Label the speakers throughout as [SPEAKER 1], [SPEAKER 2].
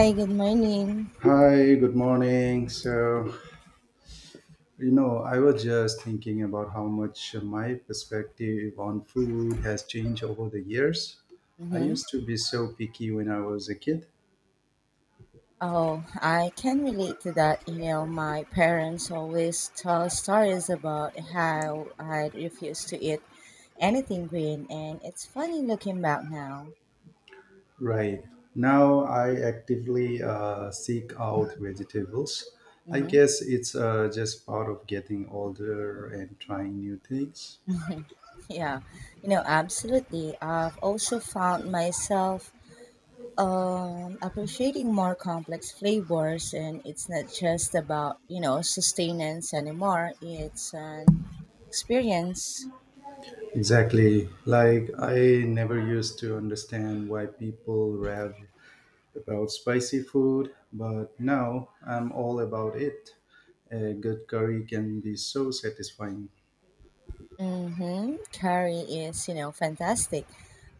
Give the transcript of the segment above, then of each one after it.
[SPEAKER 1] Hi, good morning.
[SPEAKER 2] Hi, good morning. I was just thinking about how much my perspective on food has changed over the years. I
[SPEAKER 1] Mm-hmm.
[SPEAKER 2] used to be so picky when I was a kid.
[SPEAKER 1] Oh, I can relate to that. You know, my parents always tell stories about how I refused to eat anything green, and it's funny looking back now.
[SPEAKER 2] Right. Now I actively seek out vegetables. I
[SPEAKER 1] Mm-hmm.
[SPEAKER 2] guess it's just part of getting older and trying new things.
[SPEAKER 1] Yeah, absolutely. I've also found myself appreciating more complex flavors, and it's not just about sustenance anymore, it's an experience.
[SPEAKER 2] Exactly. Like, I never used to understand why people rave about spicy food, but now I'm all about it. A good curry can be so satisfying.
[SPEAKER 1] Mm-hmm. Curry is fantastic.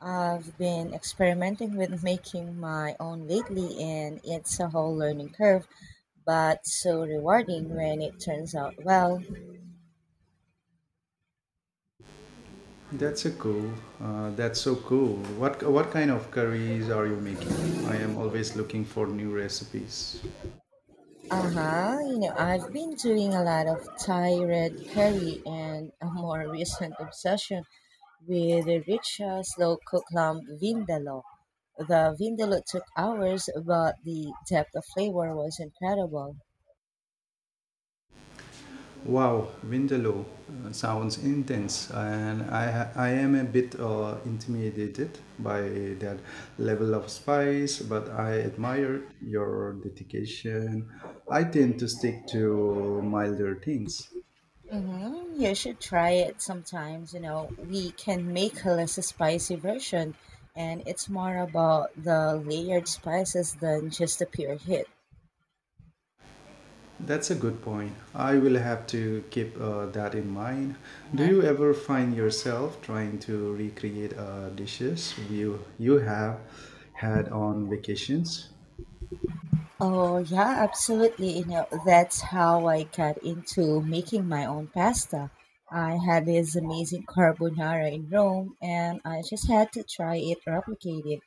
[SPEAKER 1] I've been experimenting with making my own lately, and it's a whole learning curve, but so rewarding when it turns out well.
[SPEAKER 2] That's a cool. That's so cool. What kind of curries are you making? I am always looking for new recipes.
[SPEAKER 1] Uh huh. I've been doing a lot of Thai red curry and a more recent obsession with the rich, slow cooked lamb vindaloo. The vindaloo took hours, but the depth of flavor was incredible.
[SPEAKER 2] Wow, Vindaloo sounds intense, and I am a bit intimidated by that level of spice, but I admire your dedication. I tend to stick to milder things.
[SPEAKER 1] Mm-hmm. You should try it sometimes. You know, we can make a less spicy version, and it's more about the layered spices than just the pure hit.
[SPEAKER 2] That's a good point. I will have to keep that in mind. Do
[SPEAKER 1] Uh-huh.
[SPEAKER 2] you ever find yourself trying to recreate dishes you have had on vacations?
[SPEAKER 1] Oh, yeah, absolutely. That's how I got into making my own pasta. I had this amazing carbonara in Rome, and I just had to try it replicated.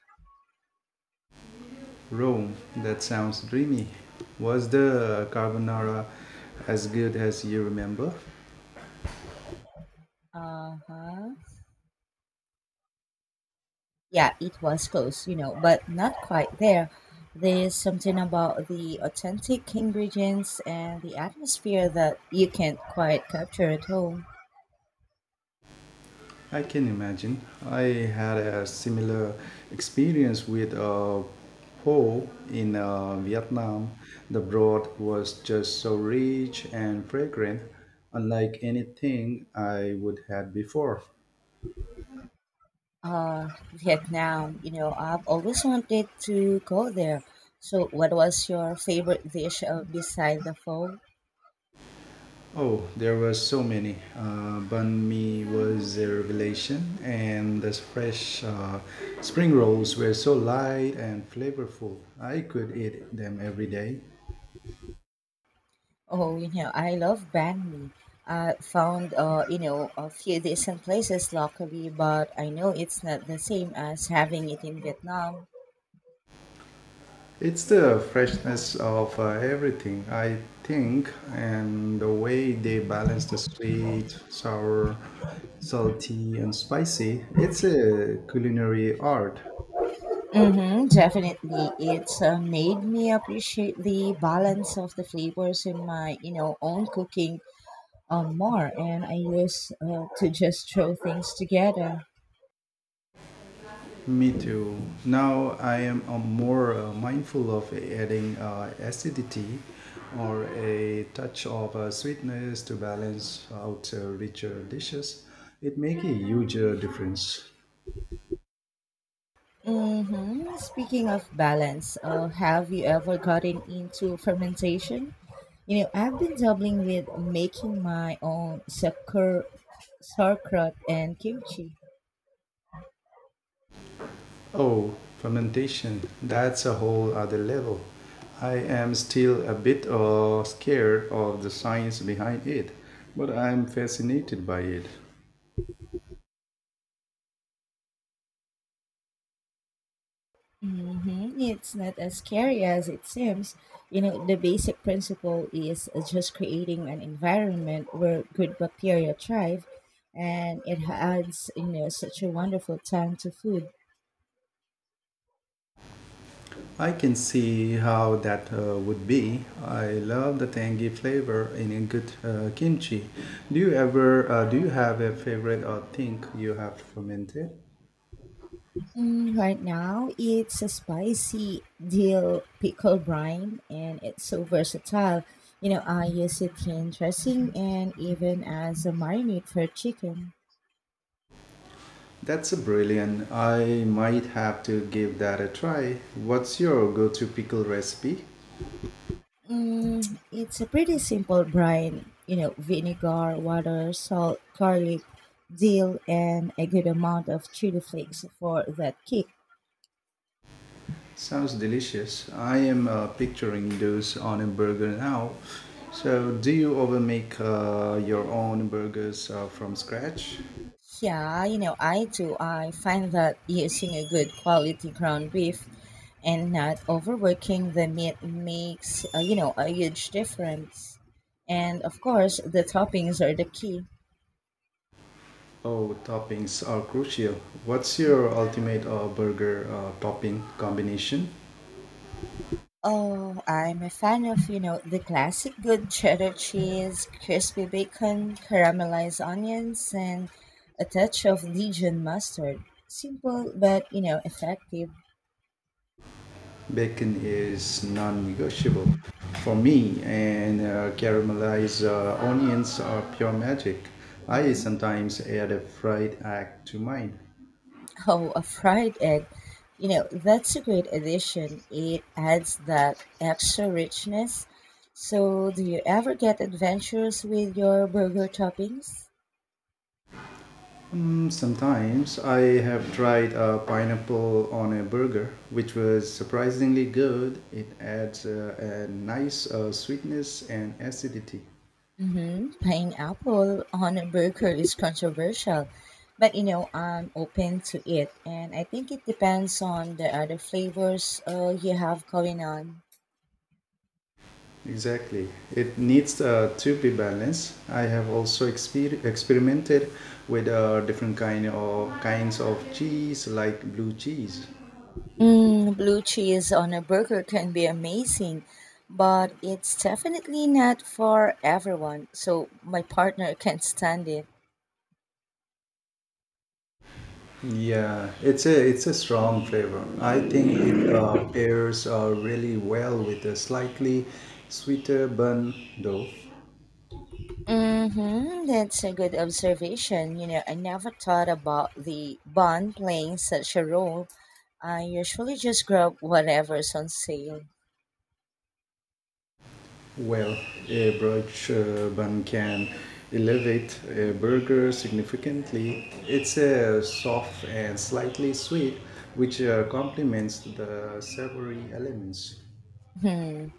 [SPEAKER 2] Rome, that sounds dreamy. Was the carbonara as good as you remember?
[SPEAKER 1] Uh huh. Yeah, it was close, but not quite there. There's something about the authentic ingredients and the atmosphere that you can't quite capture at home.
[SPEAKER 2] I can imagine. I had a similar experience with a pho in Vietnam. The broth was just so rich and fragrant, unlike anything I would had before.
[SPEAKER 1] Vietnam, I've always wanted to go there. So, what was your favorite dish beside the pho?
[SPEAKER 2] Oh, there were so many. Banh mi was a revelation, and the fresh spring rolls were so light and flavorful. I could eat them every day.
[SPEAKER 1] Oh, I love banh mi. I found, a few decent places locally, but I know it's not the same as having it in Vietnam.
[SPEAKER 2] It's the freshness of everything, I think, and the way they balance the sweet, sour, salty, and spicy. It's a culinary art.
[SPEAKER 1] Mm-hmm, definitely. It's made me appreciate the balance of the flavors in my, you know, own cooking more. And I used to just throw things together.
[SPEAKER 2] Me too. Now I am more mindful of adding acidity or a touch of sweetness to balance out richer dishes. It makes a huge difference.
[SPEAKER 1] Mm-hmm. Speaking of balance, have you ever gotten into fermentation? I've been dabbling with making my own sauerkraut and kimchi.
[SPEAKER 2] Oh, fermentation, that's a whole other level. I am still a bit scared of the science behind it, but I am fascinated by it.
[SPEAKER 1] Mm-hmm. It's not as scary as it seems. You know, the basic principle is just creating an environment where good bacteria thrive, and it adds such a wonderful tang to food.
[SPEAKER 2] I can see how that would be. I love the tangy flavor in a good kimchi. Do you have a favorite or think you have fermented?
[SPEAKER 1] Mm, right now, it's a spicy dill pickle brine, and it's so versatile. I use it in dressing and even as a marinade for chicken.
[SPEAKER 2] That's a brilliant. I might have to give that a try. What's your go-to pickle recipe?
[SPEAKER 1] Mm, it's a pretty simple brine. You know, vinegar, water, salt, garlic, dill, and a good amount of chili flakes for that kick.
[SPEAKER 2] Sounds delicious. I am picturing those on a burger now. So, do you ever make your own burgers from scratch?
[SPEAKER 1] Yeah, I do. I find that using a good quality ground beef and not overworking the meat makes a huge difference. And of course, the toppings are the key.
[SPEAKER 2] Oh, toppings are crucial. What's your ultimate burger topping combination?
[SPEAKER 1] Oh, I'm a fan of, the classic good cheddar cheese, crispy bacon, caramelized onions, and a touch of Dijon mustard. Simple but effective.
[SPEAKER 2] Bacon is non-negotiable for me, and caramelized onions are pure magic. I
[SPEAKER 1] Hmm.
[SPEAKER 2] sometimes add a fried egg to mine.
[SPEAKER 1] Oh, a fried egg. That's a great addition. It adds that extra richness. So, do you ever get adventurous with your burger toppings?
[SPEAKER 2] Mm, sometimes I have tried a pineapple on a burger, which was surprisingly good. It adds a nice sweetness and acidity.
[SPEAKER 1] Hmm. Pineapple on a burger is controversial, but I'm open to it, and I think it depends on the other flavors you have going on.
[SPEAKER 2] Exactly. It needs to be balanced. I have also experimented with different kinds of cheese, like blue cheese.
[SPEAKER 1] Mm, blue cheese on a burger can be amazing, but it's definitely not for everyone, so my partner can't stand it.
[SPEAKER 2] Yeah, it's a strong flavor. I think it pairs really well with a slightly sweeter bun dough.
[SPEAKER 1] Mm-hmm. That's a good observation. I never thought about the bond playing such a role. I usually just grab whatever's on sale.
[SPEAKER 2] Well, a brunch bun can elevate a burger significantly. It's soft and slightly sweet, which complements the savory elements.
[SPEAKER 1] Hmm.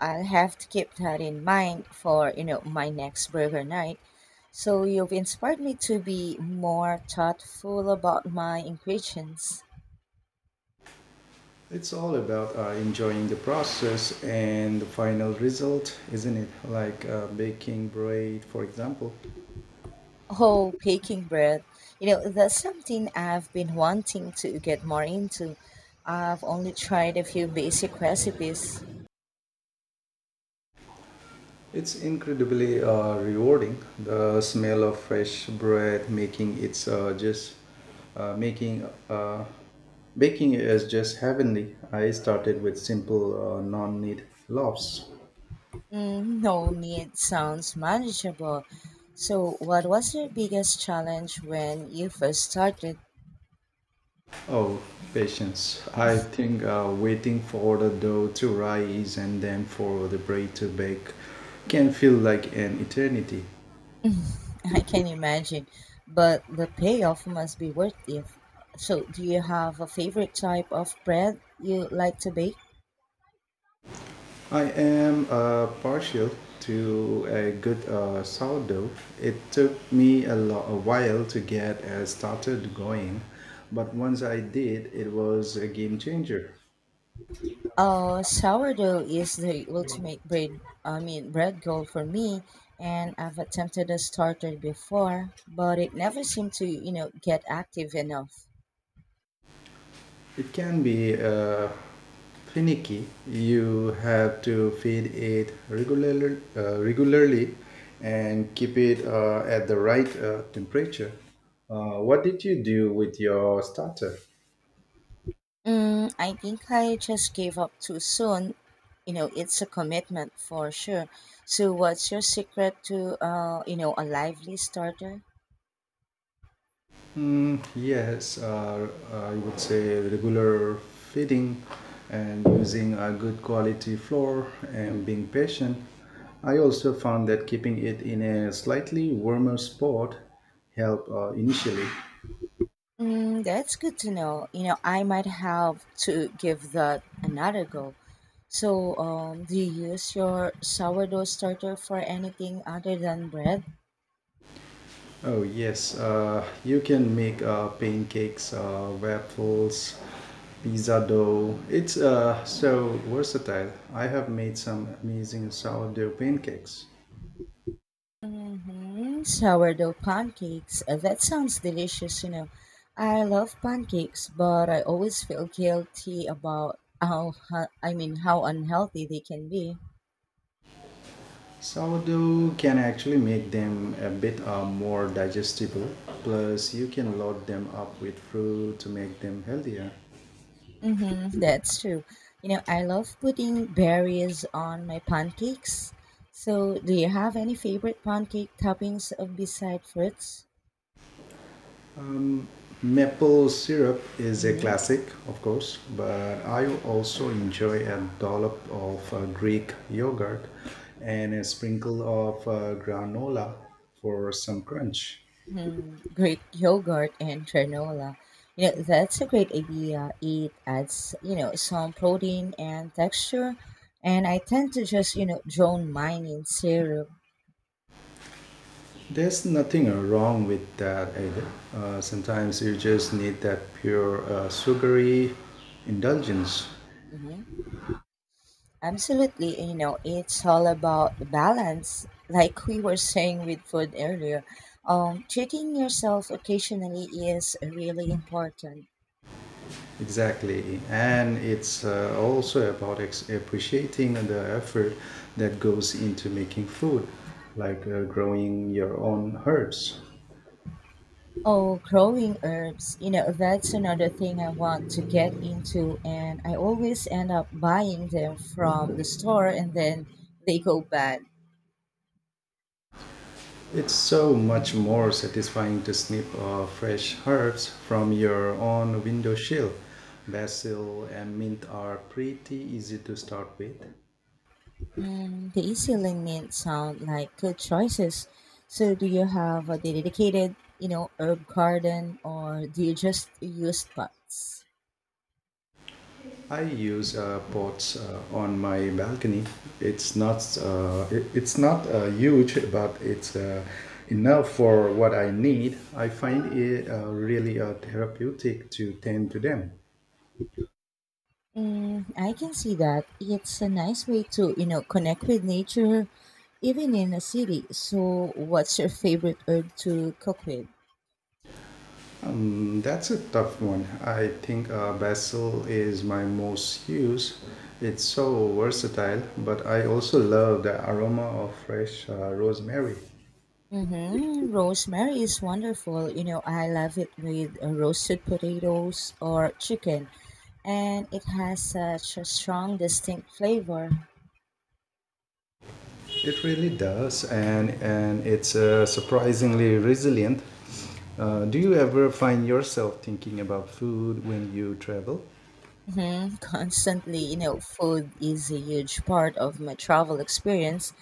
[SPEAKER 1] I'll have to keep that in mind for my next burger night. So you've inspired me to be more thoughtful about my ingredients.
[SPEAKER 2] It's all about enjoying the process and the final result, isn't it? Like baking bread, for example.
[SPEAKER 1] Oh, baking bread. That's something I've been wanting to get more into. I've only tried a few basic recipes.
[SPEAKER 2] It's incredibly rewarding. The smell of fresh bread making it's just making baking is just heavenly. I started with simple non-need loaves.
[SPEAKER 1] Mm, no need sounds manageable. So, what was your biggest challenge when you first started?
[SPEAKER 2] Oh, patience! I think waiting for the dough to rise and then for the bread to bake can feel like an eternity.
[SPEAKER 1] I can imagine, but the payoff must be worth it. So, do you have a favorite type of bread you like to bake?
[SPEAKER 2] I am partial to a good sourdough. It took me a while to get started going, but once I did, it was a game changer.
[SPEAKER 1] Sourdough is the ultimate bread, I mean, bread goal for me, and I've attempted a starter before, but it never seemed to get active enough.
[SPEAKER 2] It can be finicky. You have to feed it regularly and keep it at the right temperature. What did you do with your starter?
[SPEAKER 1] Mm, I think I just gave up too soon. It's a commitment for sure. So, what's your secret to a lively starter?
[SPEAKER 2] Yes, I would say regular feeding and using a good quality flour and being patient. I also found that keeping it in a slightly warmer spot helped initially.
[SPEAKER 1] Mm, that's good to know. I might have to give that another go. So, do you use your sourdough starter for anything other than bread?
[SPEAKER 2] Oh yes, you can make pancakes, waffles, pizza dough. It's so versatile. I have made some amazing sourdough pancakes.
[SPEAKER 1] Mm hmm Sourdough pancakes. That sounds delicious. I love pancakes, but I always feel guilty about how unhealthy they can be.
[SPEAKER 2] Sourdough can actually make them a bit more digestible. Plus, you can load them up with fruit to make them healthier.
[SPEAKER 1] Mm-hmm, that's true. I love putting berries on my pancakes. So, do you have any favorite pancake toppings beside fruits?
[SPEAKER 2] Maple syrup is a
[SPEAKER 1] Mm-hmm.
[SPEAKER 2] classic, of course, but I also enjoy a dollop of Greek yogurt and a sprinkle of granola for some crunch.
[SPEAKER 1] Hmm, Great yogurt and granola. That's a great idea. It adds some protein and texture. And I tend to just, drown mine in syrup.
[SPEAKER 2] There's nothing wrong with that either. Sometimes you just need that pure sugary indulgence.
[SPEAKER 1] Hmm. Absolutely. It's all about the balance, like we were saying with food earlier. Treating yourself occasionally is really important.
[SPEAKER 2] Exactly, and it's also about appreciating the effort that goes into making food, like growing your own herbs.
[SPEAKER 1] Oh, growing herbs. That's another thing I want to get into, and I always end up buying them from the store and then they go bad.
[SPEAKER 2] It's so much more satisfying to snip fresh herbs from your own windowsill. Basil and mint are pretty easy to start with.
[SPEAKER 1] And the easy link mint sound like good choices. So, do you have a dedicated, herb garden or do you just use pots?
[SPEAKER 2] I use pots on my balcony. It's not huge, but it's enough for what I need. I find it really therapeutic to tend to them.
[SPEAKER 1] Mm, I can see that. It's a nice way to connect with nature even in a city. So, what's your favorite herb to cook with?
[SPEAKER 2] That's a tough one. I think basil is my most used. It's so versatile, but I also love the aroma of fresh rosemary.
[SPEAKER 1] Mm-hmm. Rosemary is wonderful. You know, I love it with roasted potatoes or chicken, and it has such a strong, distinct flavor.
[SPEAKER 2] It really does, and it's surprisingly resilient. Do you ever find yourself thinking about food when you travel?
[SPEAKER 1] Mm-hmm. Constantly, food is a huge part of my travel experience,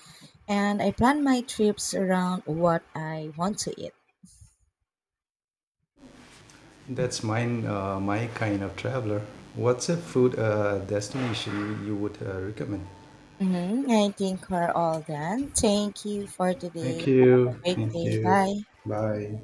[SPEAKER 1] and I plan my trips around what I want to eat.
[SPEAKER 2] That's my kind of traveler. What's a food destination you would recommend?
[SPEAKER 1] Mm-hmm. I think we're all done. Thank you for today.
[SPEAKER 2] Thank
[SPEAKER 1] Have a
[SPEAKER 2] you.
[SPEAKER 1] great
[SPEAKER 2] Thank
[SPEAKER 1] day.
[SPEAKER 2] you.
[SPEAKER 1] Bye.
[SPEAKER 2] Bye.